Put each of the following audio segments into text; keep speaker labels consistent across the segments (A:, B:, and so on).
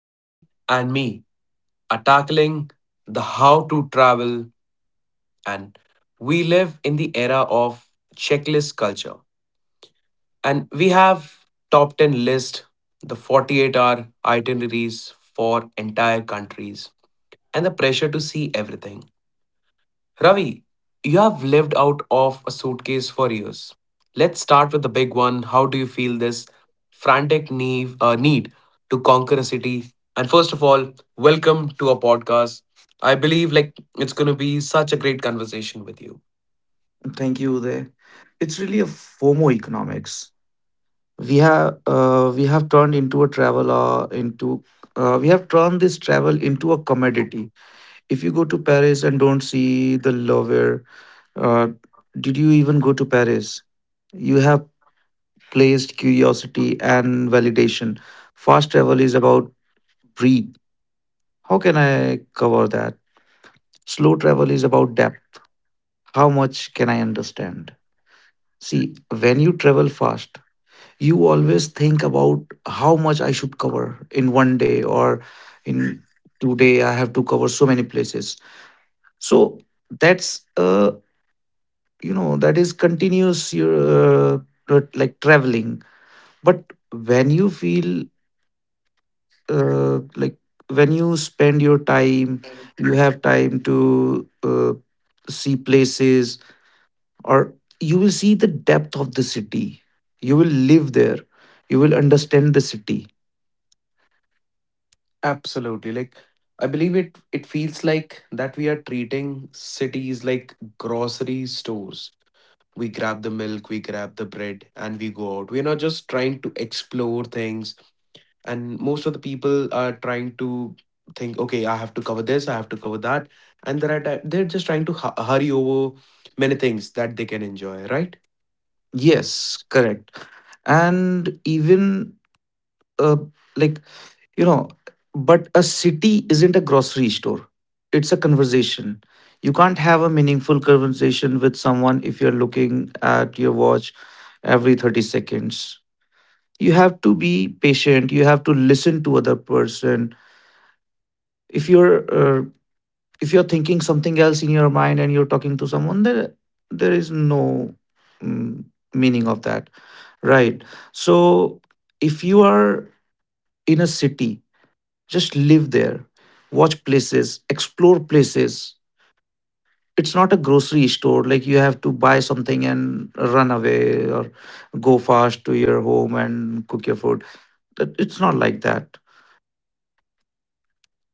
A: Ravi and me are tackling the how to travel, and we live in the era of checklist culture. And we have top 10 list, the 48-hour itineraries for entire countries, and the pressure to see everything. Ravi, you have lived out of a suitcase for years. Let's start with the big one. How do you feel this frantic need to conquer a city? And first of all, welcome to our podcast. I believe like it's going to be such a great conversation with you.
B: Thank you, Uday. It's really a FOMO economics. We have turned into a travel into we have turned this travel into a commodity. If you go to Paris and don't see the Louvre, uh, did you even go to Paris? You have placed curiosity and validation. Fast travel is about breathe. How can I cover that? Slow travel is about depth. How much can I understand? See, when you travel fast, you always think about how much I should cover in one day, or in today I have to cover so many places. So that's that is continuous your but like traveling. But when you feel like, when you spend your time, you have time to see places, or you will see the depth of the city. You will live there. You will understand the city.
A: Absolutely. Like I believe it feels like that we are treating cities like grocery stores. We grab the milk, we grab the bread, and we go out. We're not just trying to explore things, and most of the people are trying to think, okay, I have to cover this, I have to cover that, and they're just trying to hurry over many things that they can enjoy, right?
B: Yes, correct. And even uh, like, you know, but a city isn't a grocery store, it's a conversation. You can't have a meaningful conversation with someone if you're looking at your watch every 30 seconds. You have to be patient, you have to listen to other person. If you're uh, if you're thinking something else in your mind and you're talking to someone there is no mm, meaning of that, right? So if you are in a city, just live there, watch places, explore places. It's not a grocery store, like you have to buy something and run away or go fast to your home and cook your food. It's not like that.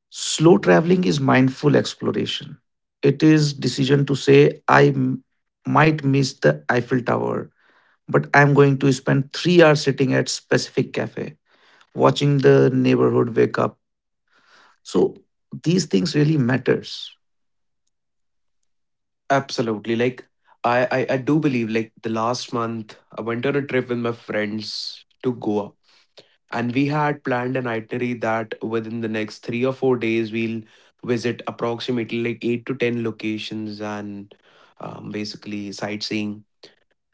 B: Slow traveling is mindful exploration. It is decision to say, might miss the Eiffel Tower, but I'm going to spend 3 hours sitting at specific cafe, watching the neighborhood wake up. So these things really matters.
A: Absolutely. Like I do believe, like, the last month I went on a trip with my friends to Goa, and we had planned an itinerary that within the next 3 or 4 days we'll visit approximately like eight to ten locations and basically sightseeing,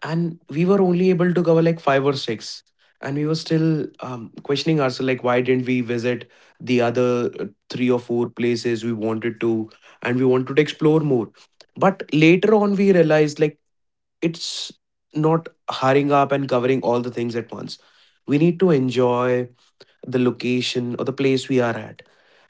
A: and we were only able to cover like five or six, and we were still questioning ourselves like, why didn't we visit the other three or four places we wanted to, and we wanted to explore more. But later on we realized like it's not hurrying up and covering all the things at once. We need to enjoy the location or the place we are at.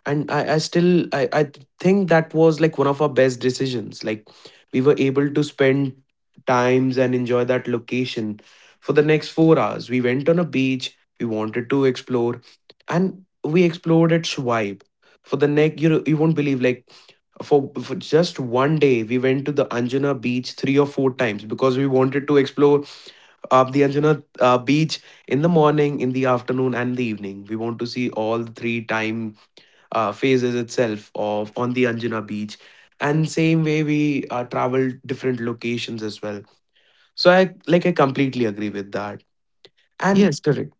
A: And I still I think that was like one of our best decisions. Like we were able to spend times and enjoy that location. For the next 4 hours we went on a beach, we wanted to explore, and we explored its vibe. For the next, you know, you won't believe like, for, just one day we went to the Anjuna beach three or four times because we wanted to explore the Anjuna beach in the morning, in the afternoon, and the evening. We want to see all the three time phases itself of on the Anjuna beach. And same way we travel different locations as well. So I like I completely agree with that. And
B: Yes, correct.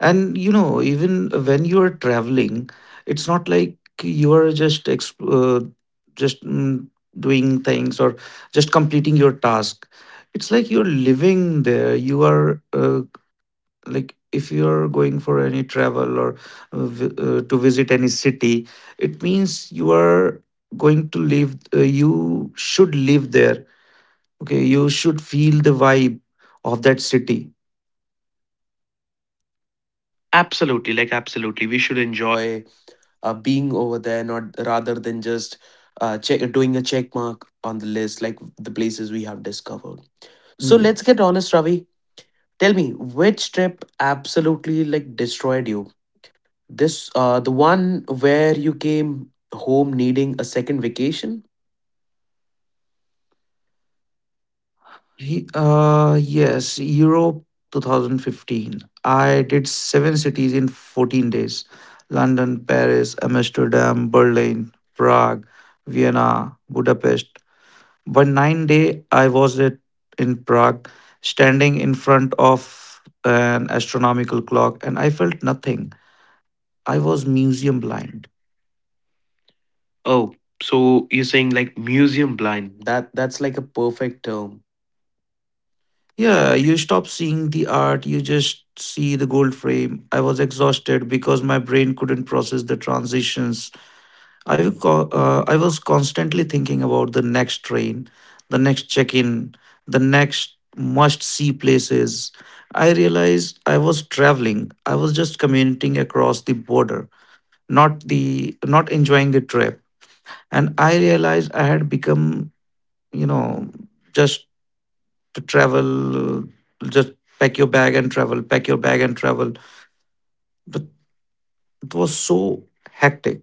B: And even when you are traveling, it's not like you are just just mm, doing things or just completing your task. It's like you're living there. You are like, if you're going for any travel or to visit any city, it means you are going to live, you should live there, okay? You should feel the vibe of that city.
A: absolutely, like, absolutely, we should enjoy being over there, not rather than just check doing a check mark on the list, like the places we have discovered. So let's
B: Yes.
A: get honest, Ravi. Tell me which trip absolutely like destroyed you. This the one where you came home needing a second vacation.
B: Yes, Europe 2015, I did seven cities in 14 days: London, Paris, Amsterdam, Berlin, Prague, Vienna, Budapest. One nine day, I was in Prague, standing in front of an astronomical clock, and I felt nothing. I was museum blind.
A: Oh, so you're saying like museum blind. That's like a perfect term.
B: Yeah, you stop seeing the art, you just see the gold frame. I was exhausted because my brain couldn't process the transitions. I was constantly thinking about the next train, the next check in, the next must see places. I realized I was traveling, I was just commuting across the border, not enjoying the trip. And I realized I had become, you know, just to travel, just pack your bag and travel, pack your bag and travel. But it was so hectic.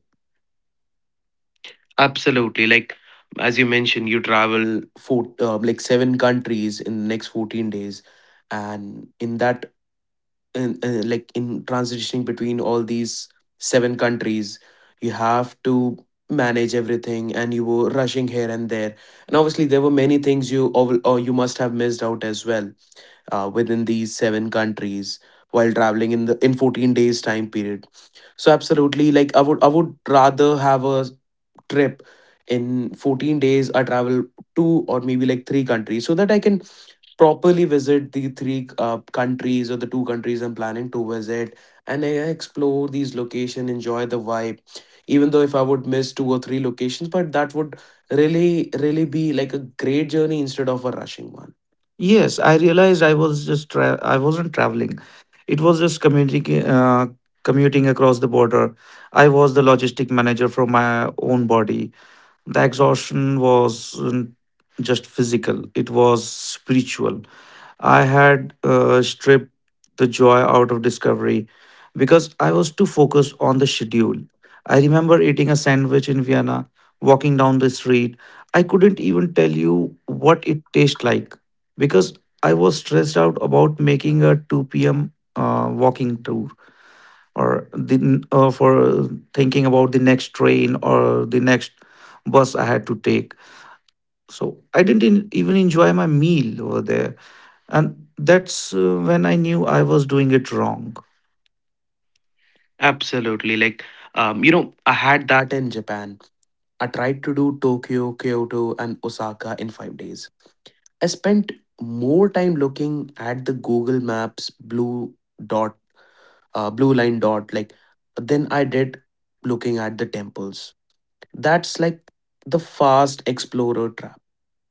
A: Absolutely. Like as you mentioned, you travel four like seven countries in the next 14 days, and in that, and like in transitioning between all these seven countries, you have to manage everything, and you were rushing here and there, and obviously there were many things you or you must have missed out as well within these seven countries while traveling in the in 14 days time period. So absolutely, like, I would rather have a trip in 14 days. I travel two or maybe like three countries, so that I can properly visit the three countries or the two countries I'm planning to visit, and I explore these location, enjoy the vibe. Even though if I would miss two or three locations, but that would really, really be like a great journey instead of a rushing one.
B: Yes, I realized I was I wasn't traveling. It was just commuting across the border. I was the logistic manager for my own body. The exhaustion wasn't just physical, it was spiritual. I had stripped the joy out of discovery because I was too focused on the schedule. I remember eating a sandwich in Vienna, walking down the street. I couldn't even tell you what it tastes like because I was stressed out about making a 2 p.m. Walking tour, or the for thinking about the next train or the next bus I had to take. So I didn't even enjoy my meal over there, and that's when I knew I was doing it wrong.
A: Absolutely. Like, you know, I had that in Japan. I tried to do Tokyo, Kyoto, and Osaka in 5 days. I spent more time looking at the Google Maps blue dot, blue line dot, like, than I did looking at the temples. That's like the fast explorer trap.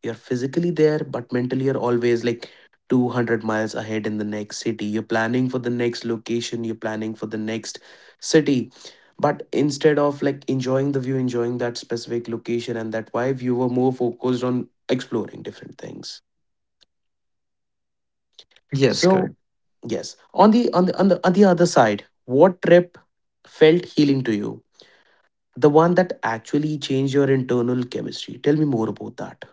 A: You're physically there, but mentally you're always like 200 miles ahead in the next city. You're planning for the next location, you're planning for the next city. But instead of like enjoying the view, enjoying that specific location and that vibe, you were more focused on exploring different things.
B: Yes, correct.
A: So yes, on the on the on the on the other side, what trip felt healing to you? The one that actually changed your internal chemistry. Tell me more about that.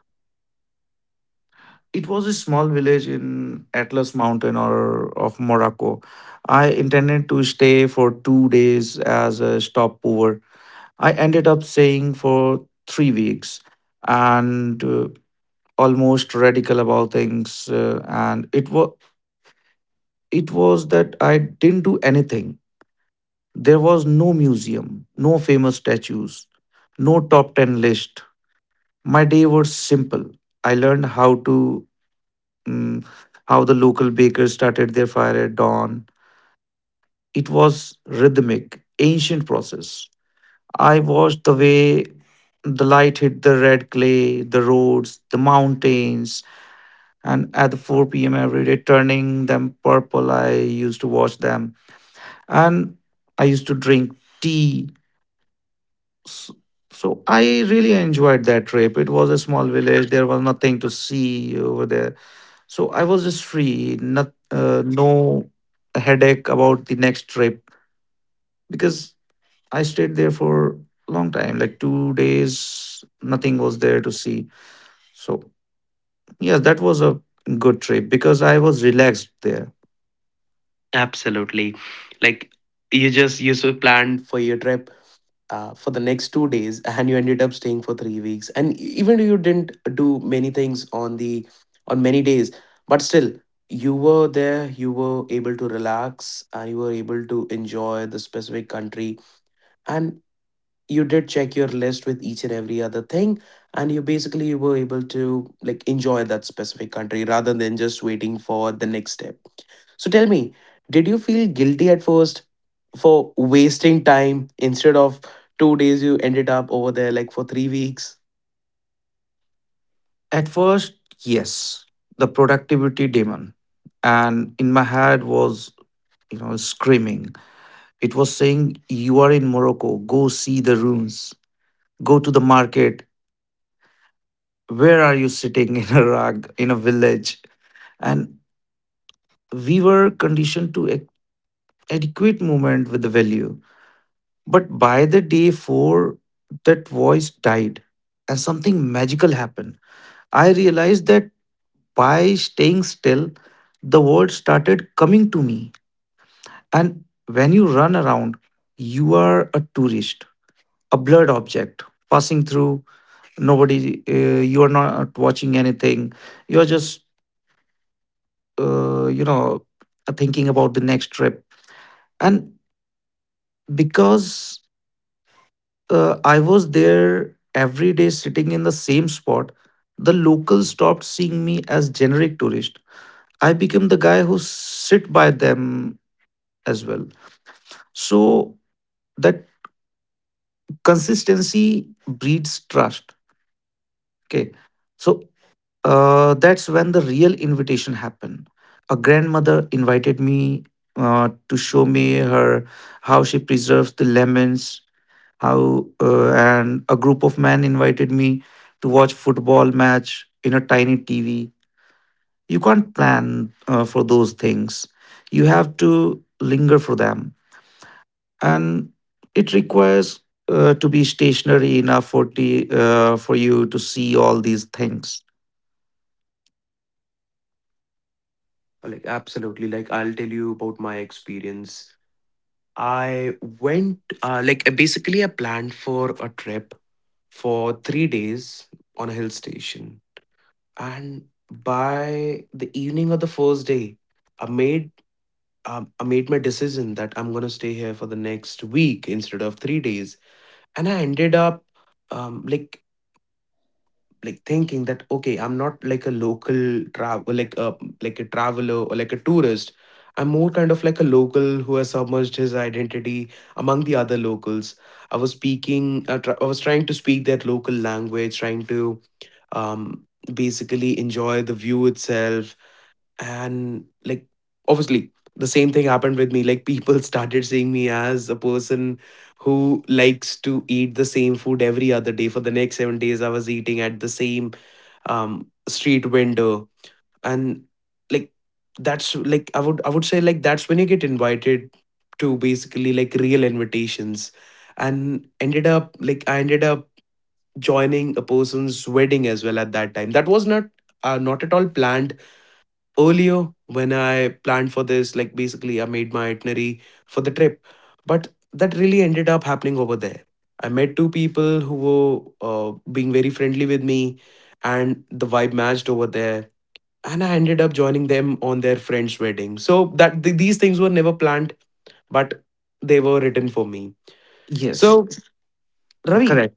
B: It was a small village in Atlas Mountain or of Morocco. I intended to stay for 2 days as a stopover. I ended up staying for 3 weeks, and almost radical about things, and it was that I didn't do anything. There was no museum, no famous statues, no top 10 list. My day was simple. I learned how to mm, how the local bakers started their fire at dawn. It was rhythmic, ancient process. I watched the way the light hit the red clay, the roads, the mountains, and at the 4 p.m. every day, turning them purple. I used to watch them, and I used to drink tea. S- So I really enjoyed that trip. It was a small village, there was nothing to see over there. So I was just free, not, no headache about the next trip because I stayed there for a long time, like 2 days, nothing was there to see. So, yes, that was a good trip because I was relaxed there.
A: Absolutely. Like you planned for your trip for the next 2 days, and you ended up staying for 3 weeks. And even though you didn't do many things on the on many days, but still you were there. You were able to relax, and you were able to enjoy the specific country. And you did check your list with each and every other thing, and you basically were able to like enjoy that specific country rather than just waiting for the next step. So tell me, did you feel guilty at first for wasting time instead of 2 days you ended up over there like for 3 weeks?
B: At first, yes, the productivity demon. And in my head was, screaming. It was saying, you are in Morocco, go see the ruins, go to the market. Where are you sitting in a rug, in a village? And we were conditioned to adequate movement with the value. But by the day four, that voice died, and something magical happened. I realized that by staying still, the world started coming to me. And when you run around, you are a tourist, a blurred object passing through. Nobody, you are not watching anything. You are just, uh, you know, thinking about the next trip. And because I was there every day sitting in the same spot, the locals stopped seeing me as generic tourist. I became the guy who sit by them as well. So that consistency breeds trust, okay? So that's when the real invitation happened. A grandmother invited me to show me her how she preserves the lemons, how and a group of men invited me to watch football match in a tiny TV. You can't plan for those things, you have to linger for them, and it requires to be stationary enough for you to see all these things.
A: Like, absolutely. Like, I'll tell you about my experience. I went, basically, I planned for a trip for 3 days on a hill station. And by the evening of the first day, I made I made my decision that I'm gonna stay here for the next week instead of 3 days. And I ended up um like like thinking that, okay, I'm not like a local travel like a traveler or like a tourist. I'm more kind of like a local who has submerged his identity among the other locals. I was I was trying to speak that local language, trying to um basically enjoy the view itself. And like obviously the same thing happened with me, like people started seeing me as a person who likes to eat the same food every other day. For the next 7 days I was eating at the same street window, and like that's like I would say like that's when you get invited to basically like real invitations, and ended up like I ended up joining a person's wedding as well at that time. That was not not at all planned earlier when I planned for this. Like, basically, I made my itinerary for the trip. But that really ended up happening over there. I met two people who were being very friendly with me, and the vibe matched over there. And I ended up joining them on their friend's wedding. So that these things were never planned, but they were written for me.
B: Yes,
A: So Ravi,
B: correct.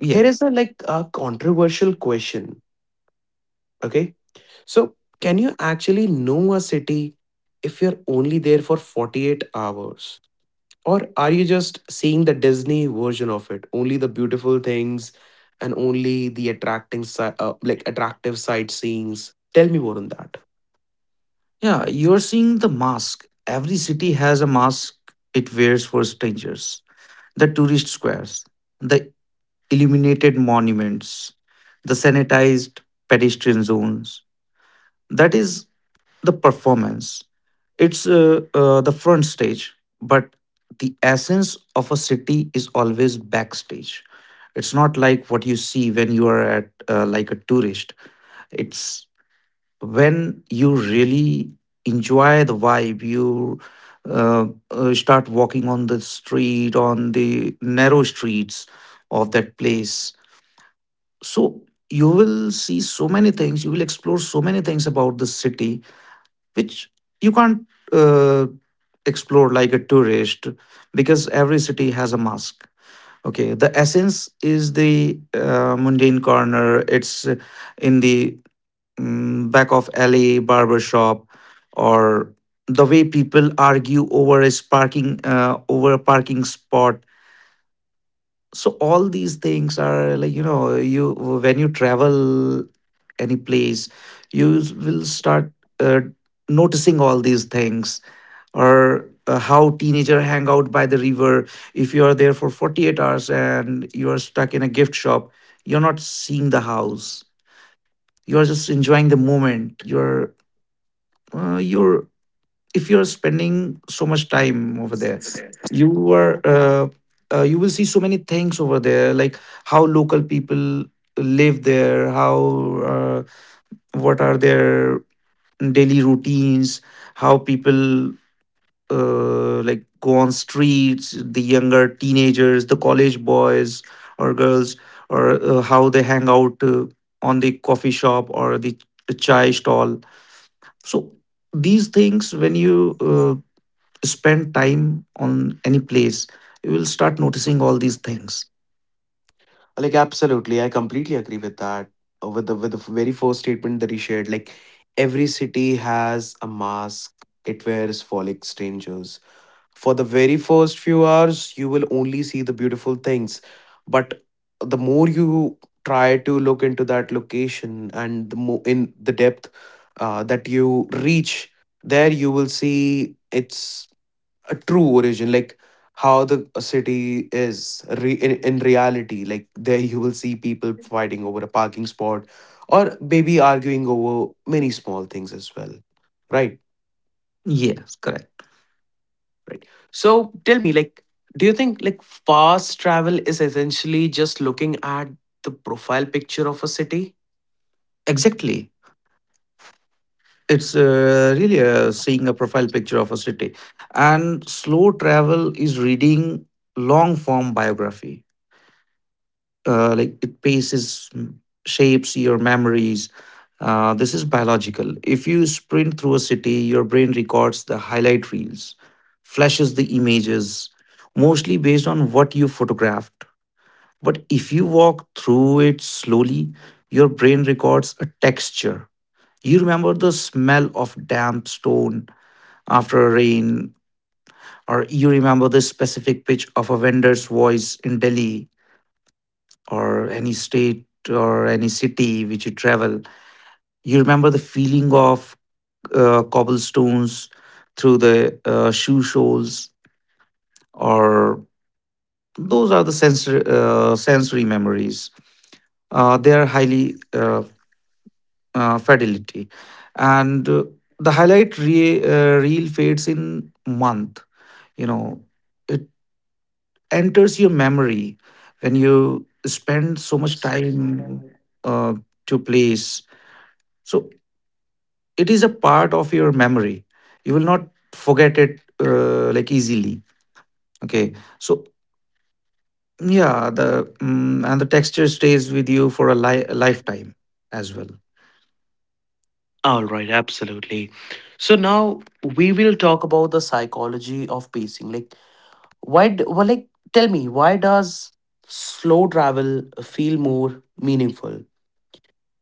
B: Yeah.
A: here is a like a controversial question. Okay? So, can you actually know a city if you're only there for 48 hours? Or are you just seeing the Disney version of it? Only the beautiful things, and only the attracting like attractive sightseeing. Tell me more on that.
B: Yeah. You're seeing the mask. Every city has a mask it wears for strangers. The tourist squares, the illuminated monuments, the sanitized pedestrian zones. That is the performance. It's the front stage, but the essence of a city is always backstage. It's not like what you see when you are at like a tourist. It's when you really enjoy the vibe. You start walking on the street, on the narrow streets of that place. So you will see so many things. You will explore so many things about the city which you can't uh, explore like a tourist, because every city has a mosque, okay? The essence is the mundane corner. It's in the back of alley barber shop, or the way people argue over a parking spot. So all these things are, like, you when you travel any place, you will start uh, noticing all these things, or how teenager hang out by the river. If you are there for 48 hours and you are stuck in a gift shop, you're not seeing the house, you're just enjoying the moment. You're If you're spending so much time over there, you are you will see so many things over there, like how local people live there, how uh, what are their daily routines, how people like go on streets, the younger teenagers, the college boys or girls, or how they hang out on the coffee shop or the chai stall. So these things, when you spend time on any place, you will start noticing all these things.
A: Like absolutely, I completely agree with that. With the very first statement that he shared, like, every city has a mask it wears for like strangers. For the very first few hours, you will only see the beautiful things. But the more you try to look into that location, and the more in the depth that you reach, there you will see its a true origin, like how the city is in reality. Like there, you will see people fighting over a parking spot or maybe arguing over many small things as well, right?
B: Yes, correct.
A: Right. So tell me, like, do you think like fast travel is essentially just looking at the profile picture of a city?
B: Exactly. It's really seeing a profile picture of a city, and slow travel is reading long form biography. Like it paces shapes your memories. This is biological. If you sprint through a city, your brain records the highlight reels, flashes the images, mostly based on what you photographed. But if you walk through it slowly, your brain records a texture. You remember the smell of damp stone after a rain, or you remember the specific pitch of a vendor's voice in Delhi or any state or any city which you travel, you remember the feeling of cobblestones through the shoe soles, or those are the sensory memories. They are highly fidelity, and the highlight reel fades in month. You know, it enters your memory when you spend so much time uh, to place. So it is a part of your memory, you will not forget it like easily, okay? So yeah, the mm and the texture stays with you for a lifetime as well.
A: All right, absolutely. So now we will talk about the psychology of pacing. Like, why? Well, like, tell me, why does slow travel feel more meaningful?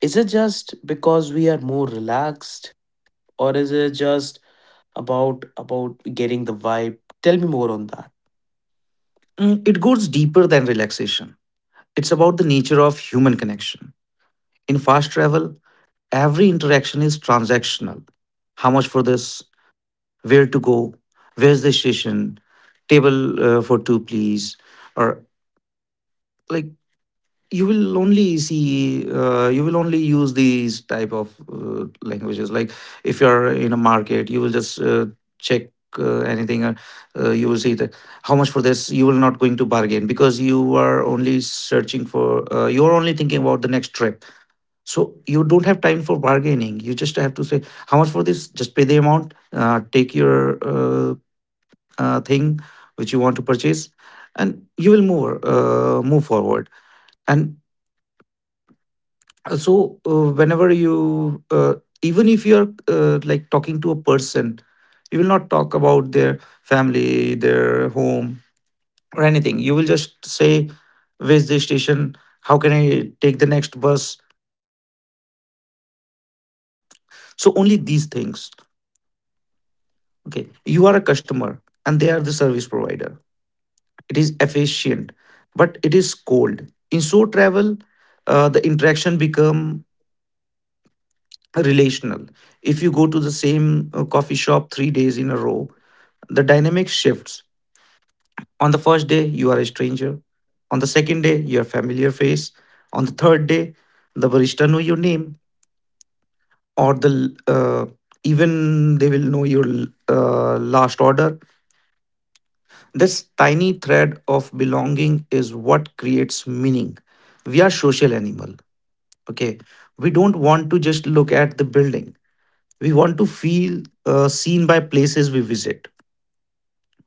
A: Is it just because we are more relaxed, or is it just about getting the vibe? Tell me more on that.
B: It goes deeper than relaxation. It's about the nature of human connection. In fast travel, every interaction is transactional. How much for this? Where to go? Where's the station? Table for two, please. Or like you will only see, you will only use these type of languages. Like if you're in a market, you will just check anything. You will see that how much for this? You will not going to bargain because you are only searching for. You are only thinking about the next trip. So you don't have time for bargaining. You just have to say how much for this. Just pay the amount. Take your thing which you want to purchase, and you will move move forward. And also, whenever you even if you are like talking to a person, you will not talk about their family, their home, or anything. You will just say, "Where's the station? How can I take the next bus?" So only these things. Okay, you are a customer and they are the service provider. It is efficient, but it is cold. In so travel, the interaction become relational. If you go to the same coffee shop 3 days in a row, the dynamic shifts. On the first day, you are a stranger. On the second day, your familiar face. On the third day, the barista know your name, or the even they will know your last order. This tiny thread of belonging is what creates meaning. We are social animal. Okay, we don't want to just look at the building. We want to feel seen by places we visit.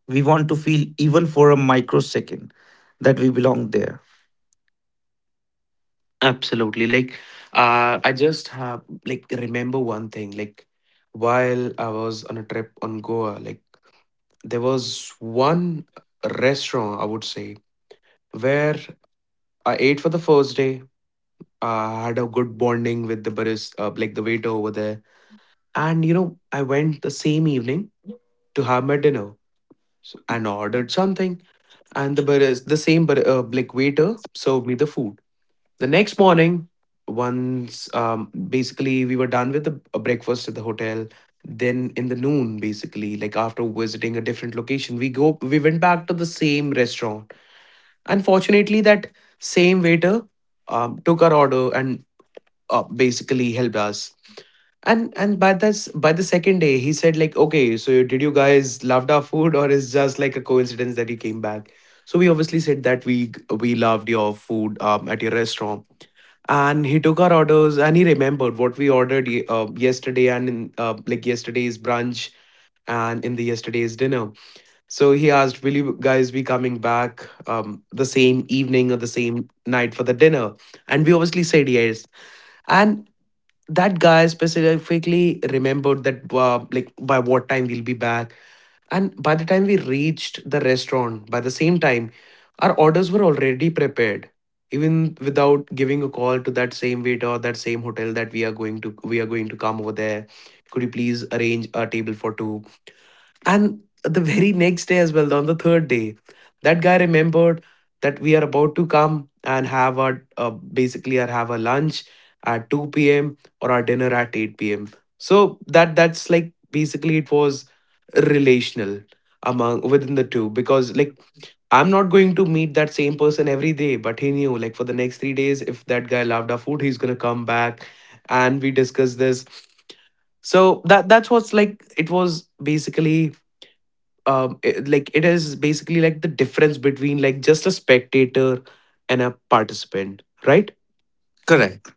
B: We want to feel, even for a microsecond, that we belong there.
A: Absolutely. Like, I just have like remember one thing. Like, while I was on a trip on Goa, like, there was one restaurant I would say where I ate for the first day. I had a good bonding with the barista, like the waiter over there, and, you know, I went the same evening to have my dinner so, and ordered something, and the baris, the same bar, like waiter served me the food. The next morning, once basically we were done with the a breakfast at the hotel, then in the noon, basically, like after visiting a different location, we go we went back to the same restaurant. Unfortunately, that same waiter took our order and basically helped us. And by this by the second day, he said like, okay, so did you guys loved our food or is just like a coincidence that you came back? So we obviously said that we loved your food at your restaurant, and he took our orders and he remembered what we ordered yesterday, and in like yesterday's brunch and in the yesterday's dinner. So he asked, will you guys be coming back the same evening or the same night for the dinner? And we obviously said yes. And that guy specifically remembered that like by what time we'll be back, and by the time we reached the restaurant, by the same time, our orders were already prepared, even without giving a call to that same waiter or that same hotel that we are going to come over there. Could you please arrange a table for two? And the very next day as well, on the third day, that guy remembered that we are about to come and have our basically our have a lunch at 2 p.m. or our dinner at 8 p.m. So that's like basically it was relational among within the two, because like I'm not going to meet that same person every day, but he knew like for the next three days, if that guy loved our food, he's gonna come back and we discuss this. So that that's what's like it was basically it, like it is basically like the difference between like just a spectator and a participant, right?
B: Correct.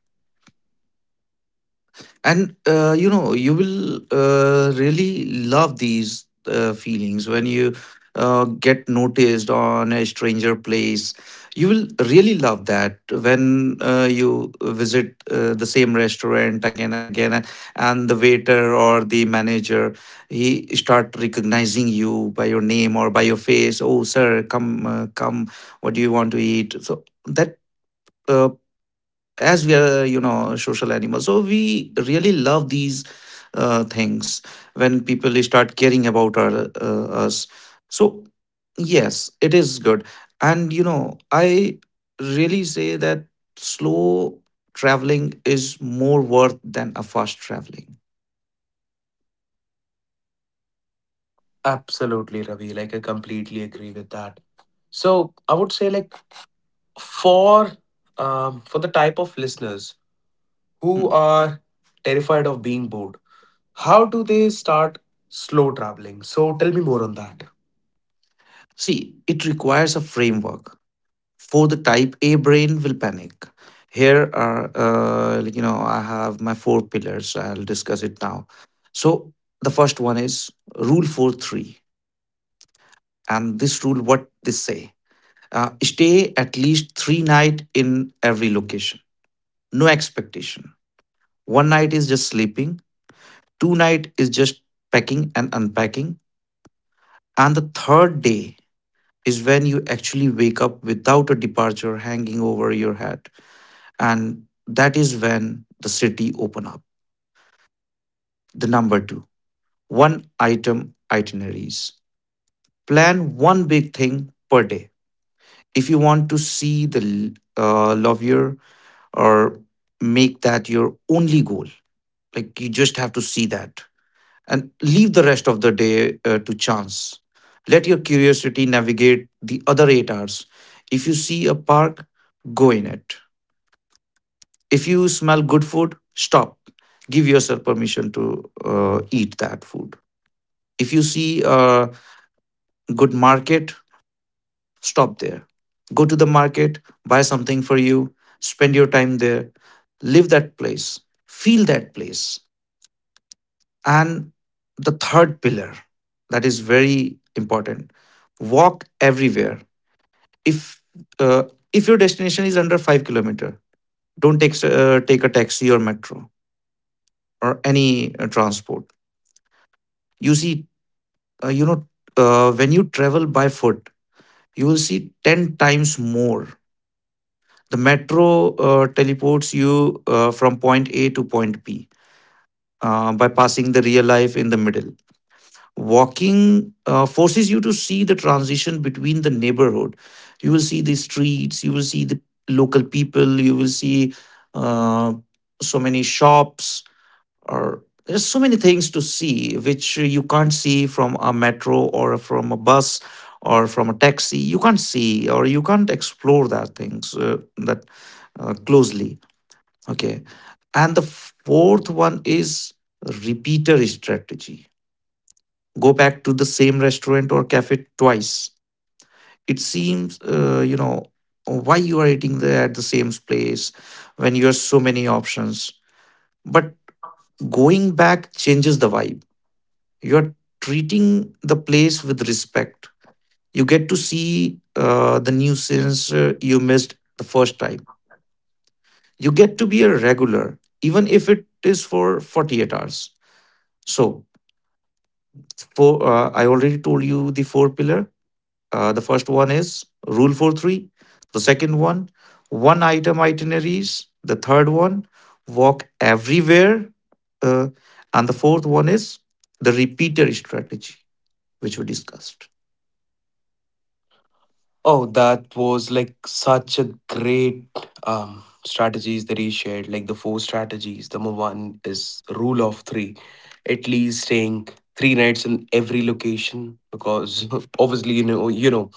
B: And you know you will really love these feelings when you get noticed on a stranger place. You will really love that when you visit the same restaurant again and again and the waiter or the manager he start recognizing you by your name or by your face. Oh sir, come come, what do you want to eat, so that, Uh, as we are, you know, social animals, so we really love these things when people start caring about our, us. So yes, it is good. And you know, I really say that slow traveling is more worth than a fast traveling.
A: Absolutely, Ravi. Like, I completely agree with that. So, I would say, like, for for the type of listeners
B: Hmm.
A: who are terrified of being bored, how do they start slow traveling? So, tell me more on that.
B: See, it requires a framework, for the type A brain will panic. Here are, like, you know, I have my four pillars. I'll discuss it now. So the first one is rule 4 3, and this rule what they say: stay at least three night in every location. No expectation. One night is just sleeping. Two night is just packing and unpacking, and the third day is when you actually wake up without a departure hanging over your head. And that is when the city open up. The number 2, 1 item itineraries. Plan one big thing per day. If you want to see the lovier, or make that your only goal. Like you just have to see that, and leave the rest of the day to chance. Let your curiosity navigate the other 8 hours. If you see a park, go in it. If you smell good food, stop. Give yourself permission to eat that food. If you see a good market, stop there. Go to the market, buy something for you, spend your time there, live that place, feel that place. And the third pillar, that is very important, walk everywhere. If uh, if your destination is under 5 kilometer, don't take take a taxi or metro or any transport. You see, you know, when you travel by foot you will see 10 times more. The metro teleports you from point A to point B, by passing the real life in the middle. Walking forces you to see the transition between the neighborhood. You will see the streets, you will see the local people, you will see uh, so many shops, or there's so many things to see which you can't see from a metro or from a bus or from a taxi. You can't see or you can't explore that things that closely. Okay. And the fourth one is repeater strategy. Go back to the same restaurant or cafe twice. It seems, you know, why you are eating there at the same place when you have so many options. But going back changes the vibe. You're treating the place with respect. You get to see the nuisance you missed the first time. You get to be a regular even if it is for 48 hours. So for, I already told you the four pillar. The first one is rule for three. The second one, one item itineraries. The third one, walk everywhere. uh, and the fourth one is the repeater strategy, which we discussed.
A: Oh, that was like such a great strategies that he shared. Like the four strategies. Number one is rule of three, at least staying three nights in every location, because obviously you know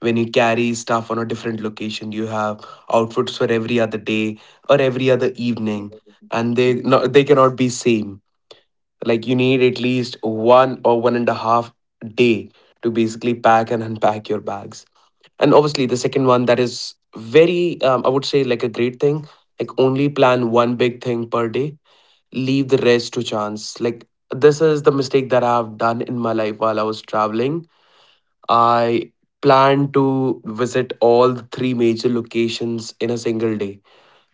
A: when you carry stuff on a different location, you have outfits for every other day or every other evening, and they no, they cannot be same. Like you need at least one or one and a half day to basically pack and unpack your bags. And obviously the second one, that is very I would say like a great thing, like only plan one big thing per day, leave the rest to chance. Like this is the mistake that I've done in my life while I was traveling. I planned to visit all the three major locations in a single day,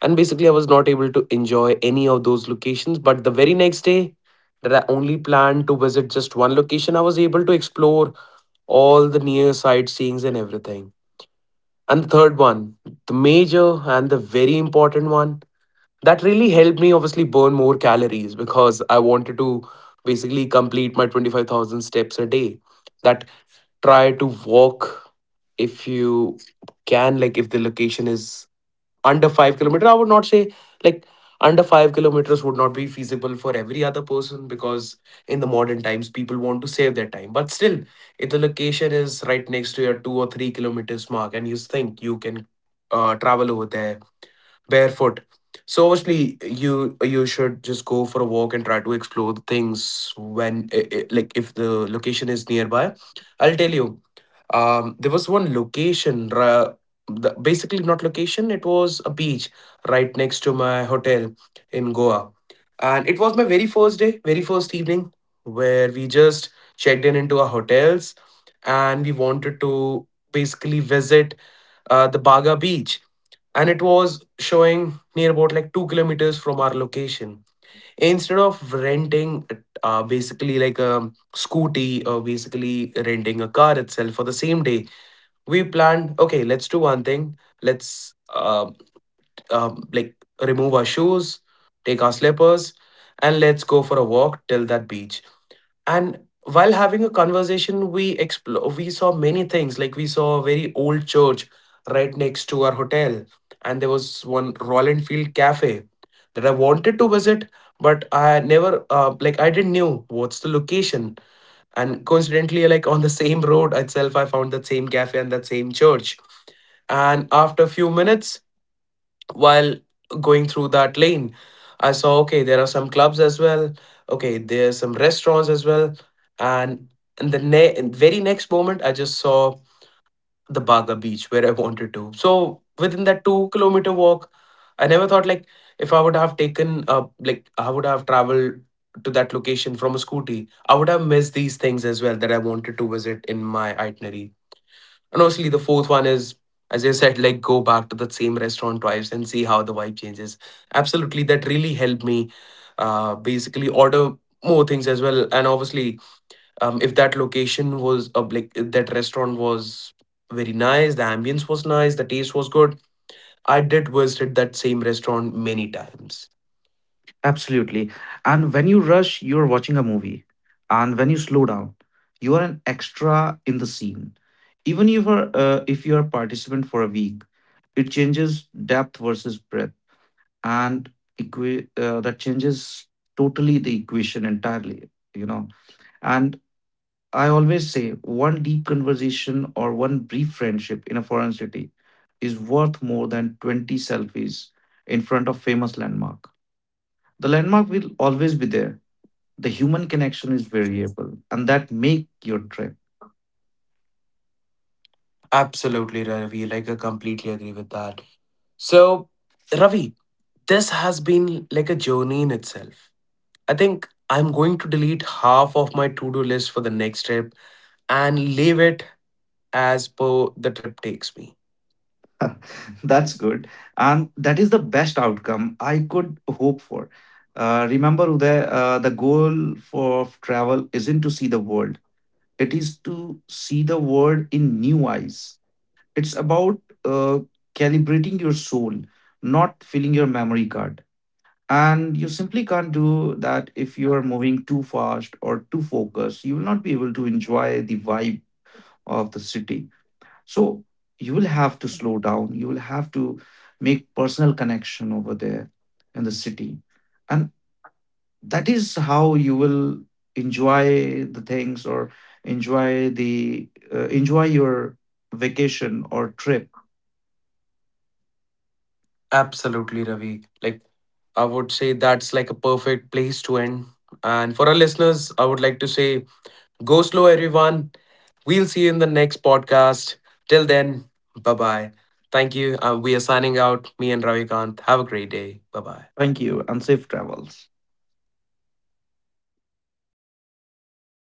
A: and basically I was not able to enjoy any of those locations. But the very next day that I only planned to visit just one location, I was able to explore all the near sightseeings and everything. And the third one, the major and the very important one, that really helped me obviously burn more calories because I wanted to basically complete my 25,000 steps a day. That, try to walk if you can. Like if the location is under 5 kilometers, I would not say, like under 5 kilometers would not be feasible for every other person, because in the modern times people want to save their time. But still, if the location is right next to your 2 or 3 kilometers mark and you think you can travel over there barefoot. So obviously you should just go for a walk and try to explore the things when like if the location is nearby. I'll tell you. There was one location, the, basically not location. It was a beach right next to my hotel in Goa, and it was my very first day, very first evening, where we just checked in into our hotels, and we wanted to basically visit the Baga Beach, and it was showing near about like 2 kilometers from our location. Instead of renting basically like a scooty or basically renting a car itself for the same day, we planned, okay, let's do one thing. Let's Like remove our shoes, take our slippers, and let's go for a walk till that beach. And while having a conversation we saw many things. Like we saw a very old church right next to our hotel, and there was one roland field cafe that I wanted to visit, but I never like I didn't knew what's the location. And coincidentally, like on the same road itself, I found that same cafe and that same church. And after a few minutes, while going through that lane, I saw, okay, there are some clubs as well, okay, there are some restaurants as well. And and the ne- in very next moment I just saw the Baga Beach where I wanted to. So within that 2-kilometer walk, I never thought like, if I would have taken like I would have traveled to that location from a scooty, I would have missed these things as well that I wanted to visit in my itinerary. And honestly, the fourth one is, as I said, like go back to that same restaurant twice and see how the vibe changes. Absolutely, that really helped me basically order more things as well. And obviously, if that location was like that restaurant was very nice, the ambience was nice, the taste was good, I did visit that same restaurant many times.
B: Absolutely. And when you rush, you're watching a movie. And when you slow down, you are an extra in the scene. Even if you are a participant for a week, it changes depth versus breadth, and that changes totally the equation entirely. You know, and I always say one deep conversation or one brief friendship in a foreign city is worth more than 20 selfies in front of famous landmark. The landmark will always be there. The human connection is variable and that make your trip.
A: Absolutely, Ravi. Like I completely agree with that. So, Ravi, this has been like a journey in itself. I think I'm going to delete half of my to do list for the next trip and leave it as per the trip takes me.
B: That's good. And that is the best outcome I could hope for. Remember, Uday, the goal for of travel isn't to see the world. It is to see the world in new eyes. It's about uh, calibrating your soul, not filling your memory card. And you simply can't do that if you are moving too fast or too focused. You will not be able to enjoy the vibe of the city. So you will have to slow down. You will have to make personal connection over there in the city. And that is how you will enjoy the things, or enjoy the enjoy your vacation or trip.
A: Absolutely, Ravi. Like, I would say that's like a perfect place to end. And for our listeners, I would like to say go slow, everyone. We'll see you in the next podcast. Till then, bye bye. Thank you. We are signing out. Me and Ravi Kant. Have a great day. Bye bye.
B: Thank you and safe travels.